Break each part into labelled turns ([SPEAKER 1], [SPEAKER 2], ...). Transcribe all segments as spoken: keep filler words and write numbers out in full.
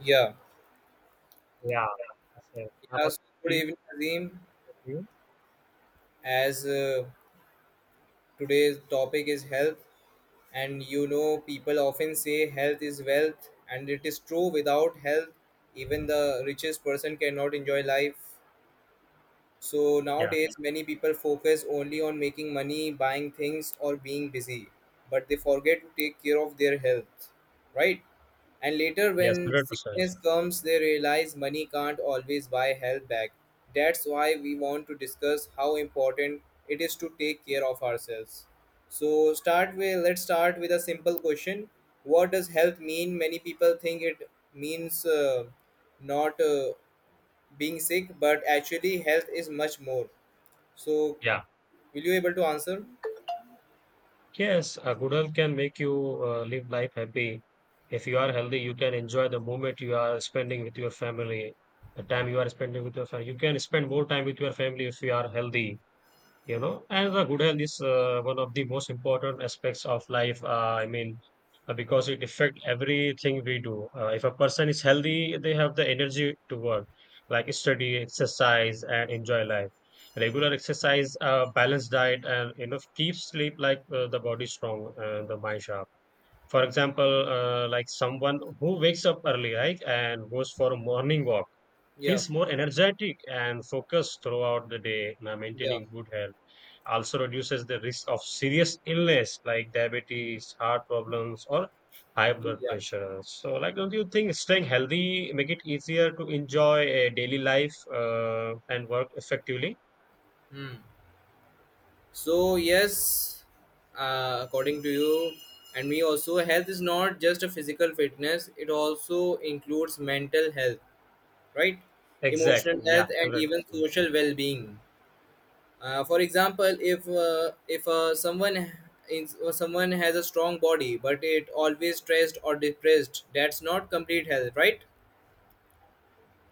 [SPEAKER 1] Yeah.
[SPEAKER 2] Yeah. Yes, yes. How
[SPEAKER 1] Yeah.
[SPEAKER 2] about
[SPEAKER 1] So good
[SPEAKER 2] to you?
[SPEAKER 1] evening, Azim.
[SPEAKER 2] to you?
[SPEAKER 1] As uh, today's topic is health, and you know, people often say health is wealth, and it is true. Without health, even the richest person cannot enjoy life. So
[SPEAKER 2] Yeah,
[SPEAKER 1] nowadays, many people focus only on making money, buying things, or being busy, but they forget to take care of their health, right? And later,
[SPEAKER 2] yes,
[SPEAKER 1] when
[SPEAKER 2] one hundred percent.
[SPEAKER 1] sickness comes, they realize money can't always buy health back. That's why we want to discuss how important it is to take care of ourselves. So, start with let's start with a simple question. What does health mean? Many people think it means uh, not. Uh, being sick, but actually health is much more, so
[SPEAKER 2] Yeah.
[SPEAKER 1] will you able to answer?
[SPEAKER 2] Yes, a good health can make you uh, live life happy. If you are healthy, you can enjoy the moment you are spending with your family, the time you are spending with your family. You can spend more time with your family if you are healthy. you know and the good health is uh, one of the most important aspects of life. Uh, i mean uh, because it affects everything we do. Uh, if a person is healthy, they have the energy to work, like study, exercise, and enjoy life. Regular exercise, uh, balanced diet, and you know, keep sleep like uh, the body strong and the mind sharp. For example, uh, like someone who wakes up early, right, and goes for a morning walk
[SPEAKER 1] Yeah,
[SPEAKER 2] feels more energetic and focused throughout the day. Uh,
[SPEAKER 1] yeah,
[SPEAKER 2] maintaining good health also reduces the risk of serious illness like diabetes, heart problems, or high blood
[SPEAKER 1] yeah.
[SPEAKER 2] pressure. So, like, don't you think staying healthy make it easier to enjoy a daily life uh, and work effectively?
[SPEAKER 1] Hmm. So yes, uh, according to you and me also, health is not just a physical fitness, it also includes mental health, right? Emotional
[SPEAKER 2] Exactly. Yeah.
[SPEAKER 1] health and
[SPEAKER 2] Hundred
[SPEAKER 1] even
[SPEAKER 2] percent.
[SPEAKER 1] social well-being. Uh, for example, if uh, if uh, someone in, or someone has a strong body but it always stressed or depressed, that's not complete health, right?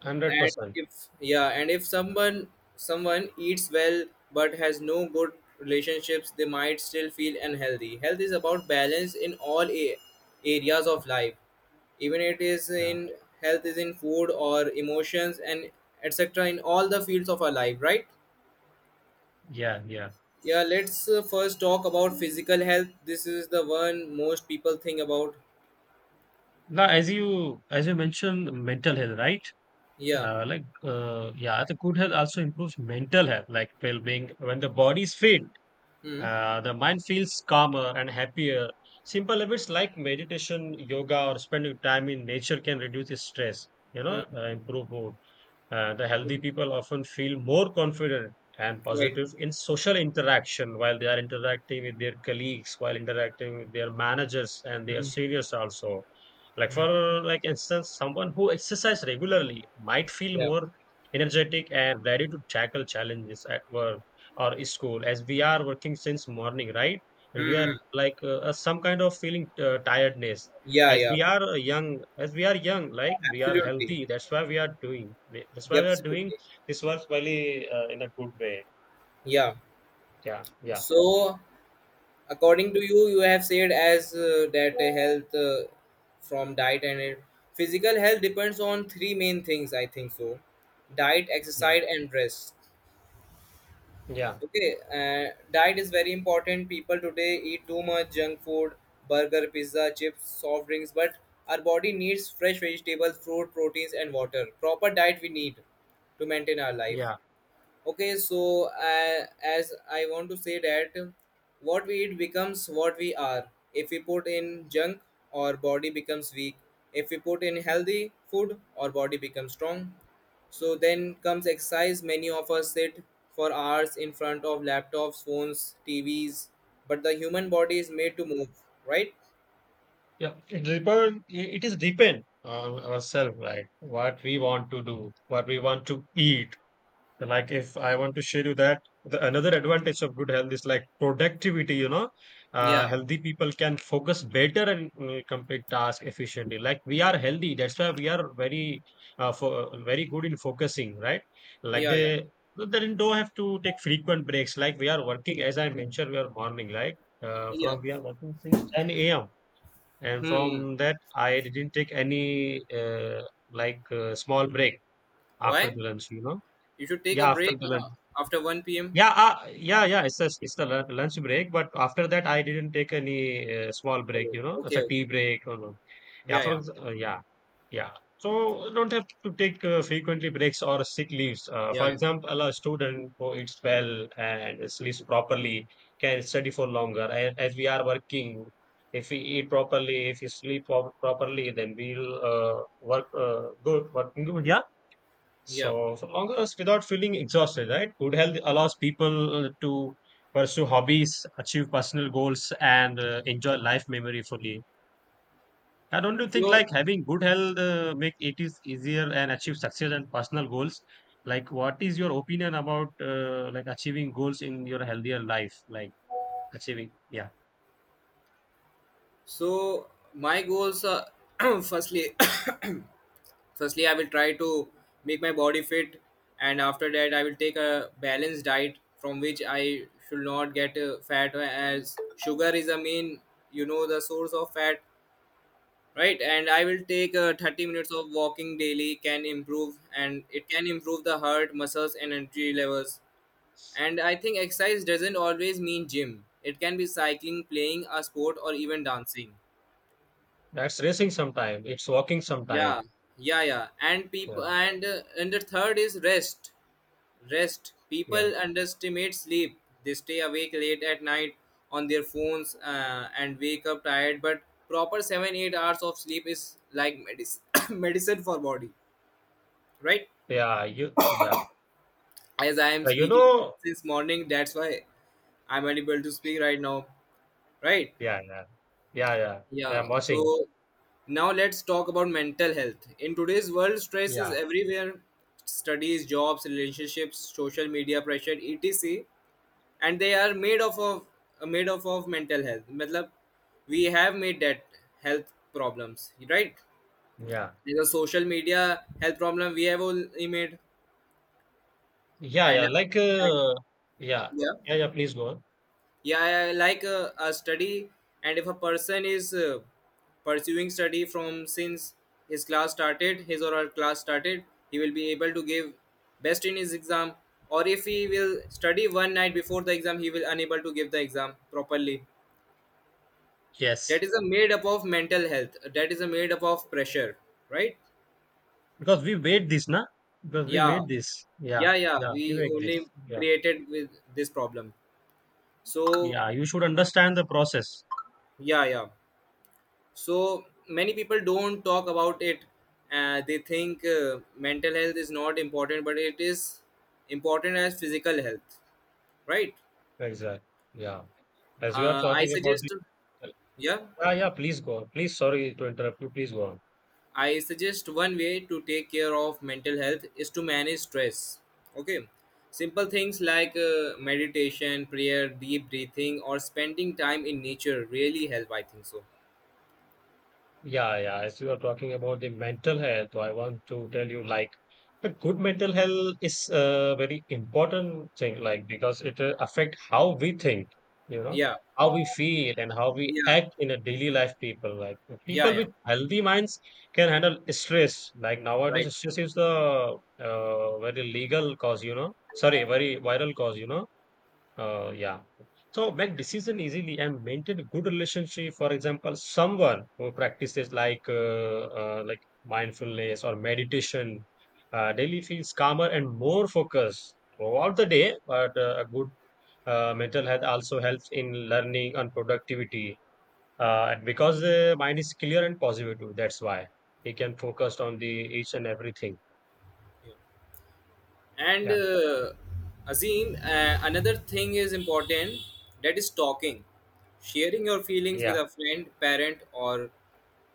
[SPEAKER 2] Hundred
[SPEAKER 1] and
[SPEAKER 2] percent.
[SPEAKER 1] if yeah and if someone someone eats well but has no good relationships, they might still feel unhealthy. Health is about balance in all a- areas of life. Even it is
[SPEAKER 2] Yeah.
[SPEAKER 1] in Health is in food or emotions and etc, in all the fields of our life, right?
[SPEAKER 2] Yeah, yeah.
[SPEAKER 1] Yeah. Let's uh, first talk about physical health. This is the one most people think about.
[SPEAKER 2] Now, as you as you mentioned, mental health, right?
[SPEAKER 1] Yeah.
[SPEAKER 2] Uh, like, uh, yeah, the good health also improves mental health, like well-being. When the body is fit,
[SPEAKER 1] Hmm.
[SPEAKER 2] Uh, the mind feels calmer and happier. Simple habits like meditation, yoga, or spending time in nature can reduce the stress, you know,
[SPEAKER 1] Hmm.
[SPEAKER 2] uh, improve mood. Uh, the healthy
[SPEAKER 1] Hmm.
[SPEAKER 2] people often feel more confident and
[SPEAKER 1] Right.
[SPEAKER 2] positive in social interaction while they are interacting with their colleagues, while interacting with their managers and their
[SPEAKER 1] Hmm.
[SPEAKER 2] seniors also. Like
[SPEAKER 1] Hmm.
[SPEAKER 2] for like instance, someone who exercise regularly might feel
[SPEAKER 1] Yeah.
[SPEAKER 2] more energetic and ready to tackle challenges at work or school as we are working since morning, right? And we are
[SPEAKER 1] Hmm. Hmm.
[SPEAKER 2] like, uh, uh, some kind of feeling uh, tiredness
[SPEAKER 1] Yeah,
[SPEAKER 2] as
[SPEAKER 1] yeah.
[SPEAKER 2] we are uh, young, as we are young like we are
[SPEAKER 1] Absolutely.
[SPEAKER 2] healthy, that's why we are doing, that's why
[SPEAKER 1] Yeah,
[SPEAKER 2] we are doing
[SPEAKER 1] absolutely.
[SPEAKER 2] this work really, uh, in a good way.
[SPEAKER 1] Yeah.
[SPEAKER 2] Yeah, yeah,
[SPEAKER 1] So, according to you, you have said as uh, that uh, health uh, from diet and it, physical health depends on three main things. I think so: diet,
[SPEAKER 2] yeah,
[SPEAKER 1] exercise, and rest.
[SPEAKER 2] yeah,
[SPEAKER 1] Okay. Uh, diet is very important. People today eat too much junk food, burger, pizza, chips, soft drinks, but our body needs fresh vegetables, fruit, proteins, and water. Proper diet we need to maintain our life.
[SPEAKER 2] yeah,
[SPEAKER 1] Okay, so uh, as I want to say that what we eat becomes what we are. If we put in junk, our body becomes weak. If we put in healthy food, our body becomes strong. So then comes exercise. Many of us sit for hours in front of laptops, phones, T Vs, but the human body is made to move, right?
[SPEAKER 2] yeah. It depend it is depend on ourselves, right? What we want to do, what we want to eat. Like, if I want to share you that the another advantage of good health is like productivity you know uh,
[SPEAKER 1] Yeah,
[SPEAKER 2] Healthy people can focus better and uh, complete tasks efficiently, like we are healthy, that's why we are very uh, for, very good in focusing, right? Like
[SPEAKER 1] yeah, yeah,
[SPEAKER 2] they they don't have to take frequent breaks, like we are working, as I mentioned, we are morning, like, uh,
[SPEAKER 1] yeah.
[SPEAKER 2] from we are working since ten a m. And
[SPEAKER 1] Hmm.
[SPEAKER 2] from that, I didn't take any uh, like, uh, small break after
[SPEAKER 1] Why?
[SPEAKER 2] the lunch you know
[SPEAKER 1] You should take a
[SPEAKER 2] Yeah, after
[SPEAKER 1] break
[SPEAKER 2] the lunch.
[SPEAKER 1] uh, after one p m.
[SPEAKER 2] Yeah, uh, yeah, yeah. It's a, it's a lu- lunch break, but after that, I didn't take any uh, small break.
[SPEAKER 1] Oh,
[SPEAKER 2] You know, it's
[SPEAKER 1] okay,
[SPEAKER 2] a tea
[SPEAKER 1] okay.
[SPEAKER 2] break. Or, no. Yeah,
[SPEAKER 1] Yeah,
[SPEAKER 2] for
[SPEAKER 1] yeah.
[SPEAKER 2] ex- uh, yeah. Yeah. So don't have to take uh, frequently breaks or sick leaves. Uh,
[SPEAKER 1] Yeah,
[SPEAKER 2] for
[SPEAKER 1] yeah,
[SPEAKER 2] example, a student who eats well and sleeps properly can study for longer. And as we are working, if we eat properly, if we sleep pro- properly, then we'll uh, work uh, good. Working good. Yeah.
[SPEAKER 1] yeah.
[SPEAKER 2] So, for long hours without feeling exhausted, right? Good health allows people uh, to pursue hobbies, achieve personal goals, and uh, enjoy life memory fully. I don't you think
[SPEAKER 1] so
[SPEAKER 2] like having good health uh, make it is easier and achieve success and personal goals? Like, what is your opinion about uh, like achieving goals in your healthier life? Like achieving, yeah,
[SPEAKER 1] so my goals are firstly firstly I will try to make my body fit, and after that I will take a balanced diet from which I should not get uh, fat, as sugar is a main you know the source of fat, right? And I will take uh, thirty minutes of walking daily can improve and it can improve the heart muscles and energy levels. And I think exercise doesn't always mean gym. It can be cycling, playing a sport, or even dancing.
[SPEAKER 2] that's racing sometime. It's walking sometime.
[SPEAKER 1] Yeah, yeah, yeah. And people
[SPEAKER 2] Yeah,
[SPEAKER 1] and uh, and the third is rest. Rest.
[SPEAKER 2] yeah,
[SPEAKER 1] People underestimate sleep. They stay awake late at night on their phones uh, and wake up tired. But proper seven eight hours of sleep is like medicine medicine for body, right?
[SPEAKER 2] yeah. You, yeah.
[SPEAKER 1] As I am
[SPEAKER 2] Uh, you
[SPEAKER 1] speaking
[SPEAKER 2] know,
[SPEAKER 1] since morning, that's why I'm unable to speak right now, right?
[SPEAKER 2] yeah, yeah, yeah, yeah. Yeah,
[SPEAKER 1] Yeah,
[SPEAKER 2] I'm watching.
[SPEAKER 1] so now let's talk about mental health. In today's world, stress is
[SPEAKER 2] Yeah.
[SPEAKER 1] everywhere: studies, jobs, relationships, social media pressure, et cetera. And they are made of, of uh, made of, of mental health. Matlab, we have made that health problems, right?
[SPEAKER 2] Yeah.
[SPEAKER 1] There's a social media health problem we have only made.
[SPEAKER 2] Yeah,
[SPEAKER 1] And,
[SPEAKER 2] yeah. Like,
[SPEAKER 1] and
[SPEAKER 2] uh, yeah.
[SPEAKER 1] yeah.
[SPEAKER 2] Yeah, yeah, please go on.
[SPEAKER 1] Yeah, I I like uh, a study, and if a person is uh, pursuing study from since his class started his or her class started, he will be able to give best in his exam. Or if he will study one night before the exam, he will unable to give the exam properly. That
[SPEAKER 2] Yes.
[SPEAKER 1] is a made up of mental health, that is a made up of pressure, right?
[SPEAKER 2] Because we made this, na? Because we
[SPEAKER 1] Yeah,
[SPEAKER 2] made this. Yeah.
[SPEAKER 1] yeah, yeah,
[SPEAKER 2] Yeah, we
[SPEAKER 1] we
[SPEAKER 2] make
[SPEAKER 1] only
[SPEAKER 2] this. Yeah.
[SPEAKER 1] created with this problem. So
[SPEAKER 2] Yeah. You should understand the process.
[SPEAKER 1] yeah, yeah, so many people don't talk about it. Uh, they think uh, mental health is not important, but it is important as physical health, right?
[SPEAKER 2] Exactly. Yeah. As you are
[SPEAKER 1] uh, I
[SPEAKER 2] talking about the,
[SPEAKER 1] suggest Yeah,
[SPEAKER 2] yeah, yeah, please go on. Please, sorry to interrupt you. Please go on.
[SPEAKER 1] I suggest one way to take care of mental health is to manage stress. Okay, simple things like uh, meditation, prayer, deep breathing, or spending time in nature really help, I think so.
[SPEAKER 2] Yeah, yeah. As you are talking about the mental health, I want to tell you like a good mental health is a very important thing, like because it uh, affect how we think, you know,
[SPEAKER 1] Yeah,
[SPEAKER 2] how we feel and how we
[SPEAKER 1] yeah,
[SPEAKER 2] act in a daily life. People like
[SPEAKER 1] yeah,
[SPEAKER 2] people
[SPEAKER 1] yeah.
[SPEAKER 2] with healthy minds can handle stress. Like
[SPEAKER 1] Right.
[SPEAKER 2] nowadays, stress is the uh, very legal cause, you know. Sorry, very viral cause, you know, uh, yeah. So make decision easily and maintain a good relationship. For example, someone who practices like uh, uh, like mindfulness or meditation uh, daily feels calmer and more focused throughout the day. But uh, a good uh, mental health also helps in learning and productivity. Uh, and because the mind is clear and positive, too, that's why he can focus on the each and everything.
[SPEAKER 1] And
[SPEAKER 2] Yeah,
[SPEAKER 1] uh, Azim, uh, another thing is important, that is talking. Sharing your feelings with
[SPEAKER 2] yeah,
[SPEAKER 1] a friend, parent, or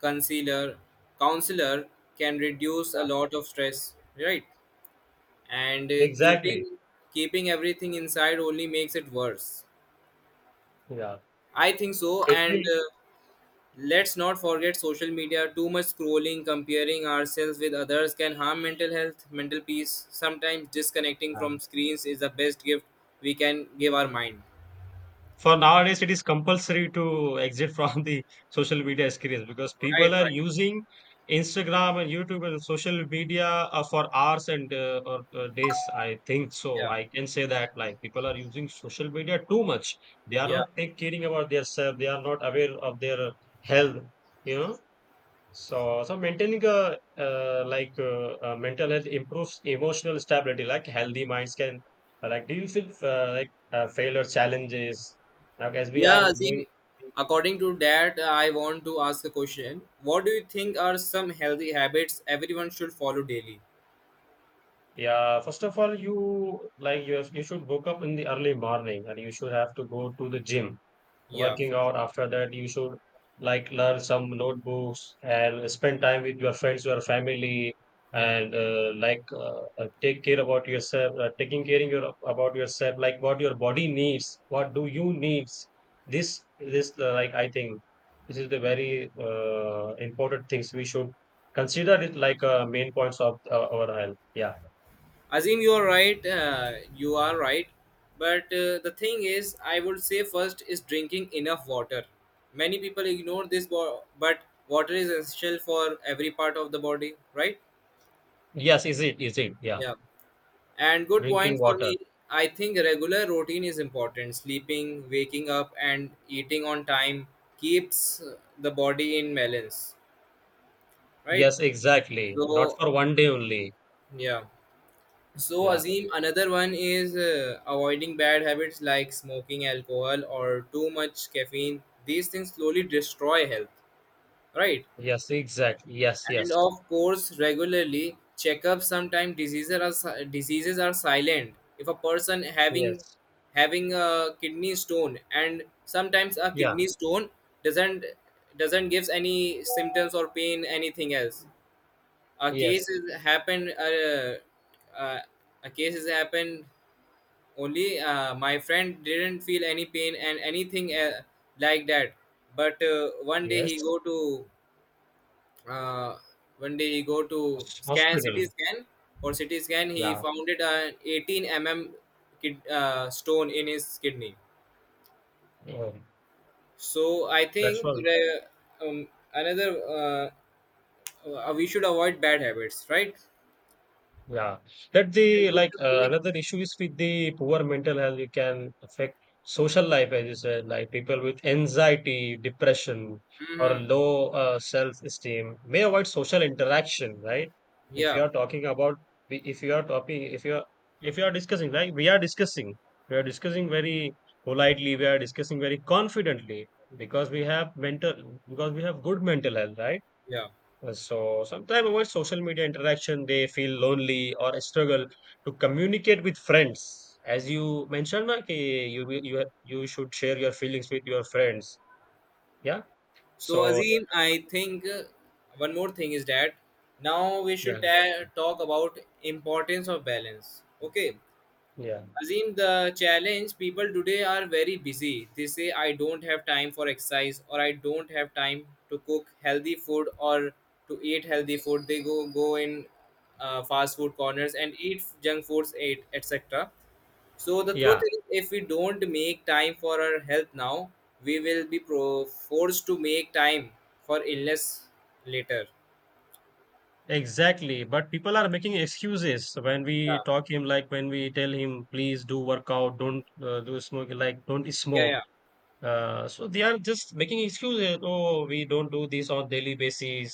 [SPEAKER 1] concealer, counselor can reduce a
[SPEAKER 2] yeah.
[SPEAKER 1] lot of stress, right? And uh,
[SPEAKER 2] Exactly.
[SPEAKER 1] keeping keeping everything inside only makes it worse.
[SPEAKER 2] Yeah,
[SPEAKER 1] I think so.
[SPEAKER 2] it
[SPEAKER 1] And
[SPEAKER 2] will.
[SPEAKER 1] uh, let's not forget social media. Too much scrolling, comparing ourselves with others can harm mental health, mental peace. Sometimes disconnecting
[SPEAKER 2] Yeah.
[SPEAKER 1] from screens is the best gift we can give our mind.
[SPEAKER 2] For nowadays it is compulsory to exit from the social media screens because
[SPEAKER 1] Right,
[SPEAKER 2] people are
[SPEAKER 1] right.
[SPEAKER 2] using Instagram and YouTube and social media uh, for hours and uh, or uh, days, I think so.
[SPEAKER 1] Yeah,
[SPEAKER 2] I can say that, like, people are using social media too much. They are
[SPEAKER 1] yeah.
[SPEAKER 2] not take caring about their self. They are not aware of their health you know so, so maintaining a uh, like uh, uh, mental health improves emotional stability. Like healthy minds can uh, like deal with uh, like uh, failure challenges. Like as we
[SPEAKER 1] Yeah,
[SPEAKER 2] are going,
[SPEAKER 1] Azim, according to that, I want to ask a question. What do you think are some healthy habits everyone should follow daily?
[SPEAKER 2] yeah. First of all, you like you have- you should wake up in the early morning, and you should have to go to the gym.
[SPEAKER 1] Yeah,
[SPEAKER 2] Working out, after that you should like learn some notebooks and spend time with your friends, your family,
[SPEAKER 1] yeah.
[SPEAKER 2] and uh, like uh, uh, take care about yourself. Uh, taking care in your about yourself, like what your body needs, what do you needs. This this uh, like I think this is the very uh, important things we should consider it, like uh, main points of uh, our health. Yeah.
[SPEAKER 1] Azim, you are right. Uh, you are right. But uh, the thing is, I would say first is drinking enough water. Many people ignore this, bo- but water is essential for every part of the body, right?
[SPEAKER 2] Yes, is it is it yeah.
[SPEAKER 1] Yeah. And good point
[SPEAKER 2] Drinking
[SPEAKER 1] for
[SPEAKER 2] water.
[SPEAKER 1] me. I think regular routine is important. Sleeping, waking up, and eating on time keeps uh, the body in balance, right?
[SPEAKER 2] Yes, exactly, not
[SPEAKER 1] So,
[SPEAKER 2] for one day only.
[SPEAKER 1] yeah. So,
[SPEAKER 2] Yeah.
[SPEAKER 1] Azim, another one is uh, avoiding bad habits like smoking, alcohol, or too much caffeine. These things slowly destroy health, right?
[SPEAKER 2] Yes, exactly. Yes, yes,
[SPEAKER 1] And of course, regularly checkups. Sometimes diseases are si- diseases are silent. If a person having
[SPEAKER 2] yes.
[SPEAKER 1] having a kidney stone, and sometimes a
[SPEAKER 2] Yeah,
[SPEAKER 1] kidney stone doesn't doesn't gives any symptoms or pain, anything else. A
[SPEAKER 2] yes,
[SPEAKER 1] case is happened. Uh, uh, a case has happened. Only uh, my friend didn't feel any pain and anything uh, like that, but uh, one day he
[SPEAKER 2] yes.
[SPEAKER 1] go to uh, one day he go to
[SPEAKER 2] Hos-
[SPEAKER 1] scan CT
[SPEAKER 2] Hospital.
[SPEAKER 1] scan or C T scan. He
[SPEAKER 2] Yeah.
[SPEAKER 1] found it an eighteen millimeter kid, uh, stone in his kidney.
[SPEAKER 2] Oh,
[SPEAKER 1] So I
[SPEAKER 2] that's
[SPEAKER 1] think
[SPEAKER 2] all.
[SPEAKER 1] the, um, another uh, uh, we should avoid bad habits, right?
[SPEAKER 2] Yeah, that
[SPEAKER 1] And
[SPEAKER 2] the
[SPEAKER 1] we
[SPEAKER 2] like
[SPEAKER 1] should
[SPEAKER 2] uh,
[SPEAKER 1] take.
[SPEAKER 2] another issue is with the poor mental health. It can affect social life, as you said, like people with anxiety, depression, or
[SPEAKER 1] Mhm.
[SPEAKER 2] low uh, self-esteem may avoid social interaction. Right? If
[SPEAKER 1] Yeah,
[SPEAKER 2] you are talking about, if you are talking, if you are if you are discussing, like we are discussing, we are discussing very politely, we are discussing very confidently because we have mental, because we have good mental health, right?
[SPEAKER 1] yeah.
[SPEAKER 2] Uh, So sometimes avoid social media interaction, they feel lonely or struggle to communicate with friends. As you mentioned, na, ki you will- you have- you should share your feelings with your friends. Yeah.
[SPEAKER 1] So,
[SPEAKER 2] So
[SPEAKER 1] Azim, I think uh, one more thing is that now we should
[SPEAKER 2] yeah,
[SPEAKER 1] ta- talk about importance of balance. Okay,
[SPEAKER 2] yeah,
[SPEAKER 1] Azim, the challenge people today are very busy. They say, I don't have time for exercise, or I don't have time to cook healthy food or to eat healthy food. They go, go in uh, fast food corners and eat junk foods, eat, et cetera. So, the truth
[SPEAKER 2] yeah,
[SPEAKER 1] is, if we don't make time for our health now, we will be pro- forced to make time for illness later.
[SPEAKER 2] exactly. But people are making excuses when we
[SPEAKER 1] Yeah,
[SPEAKER 2] talk him, like when we tell him, please do workout, don't uh, do smoke, like don't
[SPEAKER 1] yeah,
[SPEAKER 2] smoke.
[SPEAKER 1] yeah,
[SPEAKER 2] Uh, so they are just making excuses. Oh, we don't do this on daily basis.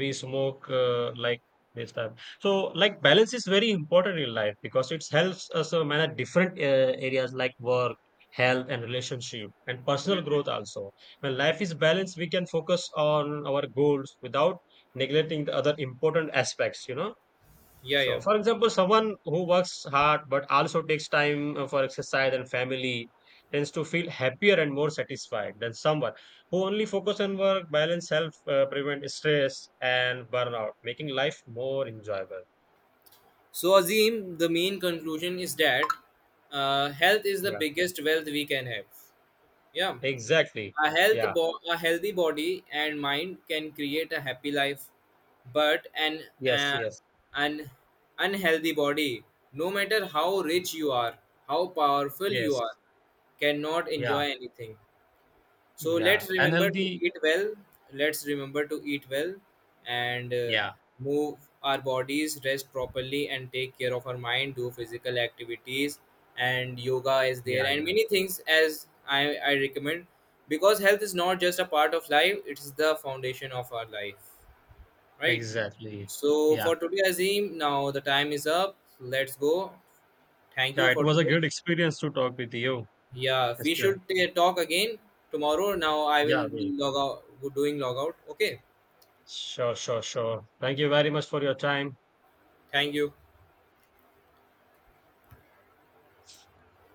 [SPEAKER 2] We smoke uh, like this time. So like balance is very important in life because it helps us uh, manage different uh, areas like work, health, and relationship, and personal growth also. When life is balanced, we can focus on our goals without neglecting the other important aspects. You know.
[SPEAKER 1] yeah, yeah.
[SPEAKER 2] So, for example, someone who works hard but also takes time uh, for exercise and family tends to feel happier and more satisfied than someone who only focus on work, balance, health, uh, prevent stress and burnout, making life more enjoyable.
[SPEAKER 1] So, Azim, the main conclusion is that uh, health is the
[SPEAKER 2] Yeah,
[SPEAKER 1] biggest wealth we can have. Yeah,
[SPEAKER 2] exactly.
[SPEAKER 1] a health,
[SPEAKER 2] Yeah.
[SPEAKER 1] bo- a healthy body and mind can create a happy life, but an
[SPEAKER 2] Yes.
[SPEAKER 1] uh,
[SPEAKER 2] Yes.
[SPEAKER 1] an unhealthy body, no matter how
[SPEAKER 2] y-
[SPEAKER 1] rich you are, how powerful you
[SPEAKER 2] Yes.
[SPEAKER 1] are, cannot
[SPEAKER 2] Yeah.
[SPEAKER 1] enjoy anything. So
[SPEAKER 2] Yeah.
[SPEAKER 1] let's
[SPEAKER 2] And
[SPEAKER 1] remember to
[SPEAKER 2] healthy.
[SPEAKER 1] eat well. Let's remember to eat well and uh,
[SPEAKER 2] Yeah.
[SPEAKER 1] move our bodies, rest properly, and take care of our mind. Do physical activities, and yoga is there,
[SPEAKER 2] Yeah.
[SPEAKER 1] and
[SPEAKER 2] Yeah.
[SPEAKER 1] many things as I, I recommend, because health is not just a part of life, it is the foundation of our life, right?
[SPEAKER 2] Exactly.
[SPEAKER 1] So
[SPEAKER 2] Yeah.
[SPEAKER 1] for today, Azim, now the time is up. Let's go. Thank you
[SPEAKER 2] Yeah. It
[SPEAKER 1] for
[SPEAKER 2] was a
[SPEAKER 1] today.
[SPEAKER 2] great experience to talk with you.
[SPEAKER 1] Yeah, we
[SPEAKER 2] Esther.
[SPEAKER 1] should uh, talk again tomorrow. Now I
[SPEAKER 2] Yeah.
[SPEAKER 1] will be
[SPEAKER 2] Well,
[SPEAKER 1] log out, doing log out. Okay.
[SPEAKER 2] sure, sure, sure. Thank you very much for your time.
[SPEAKER 1] Thank you.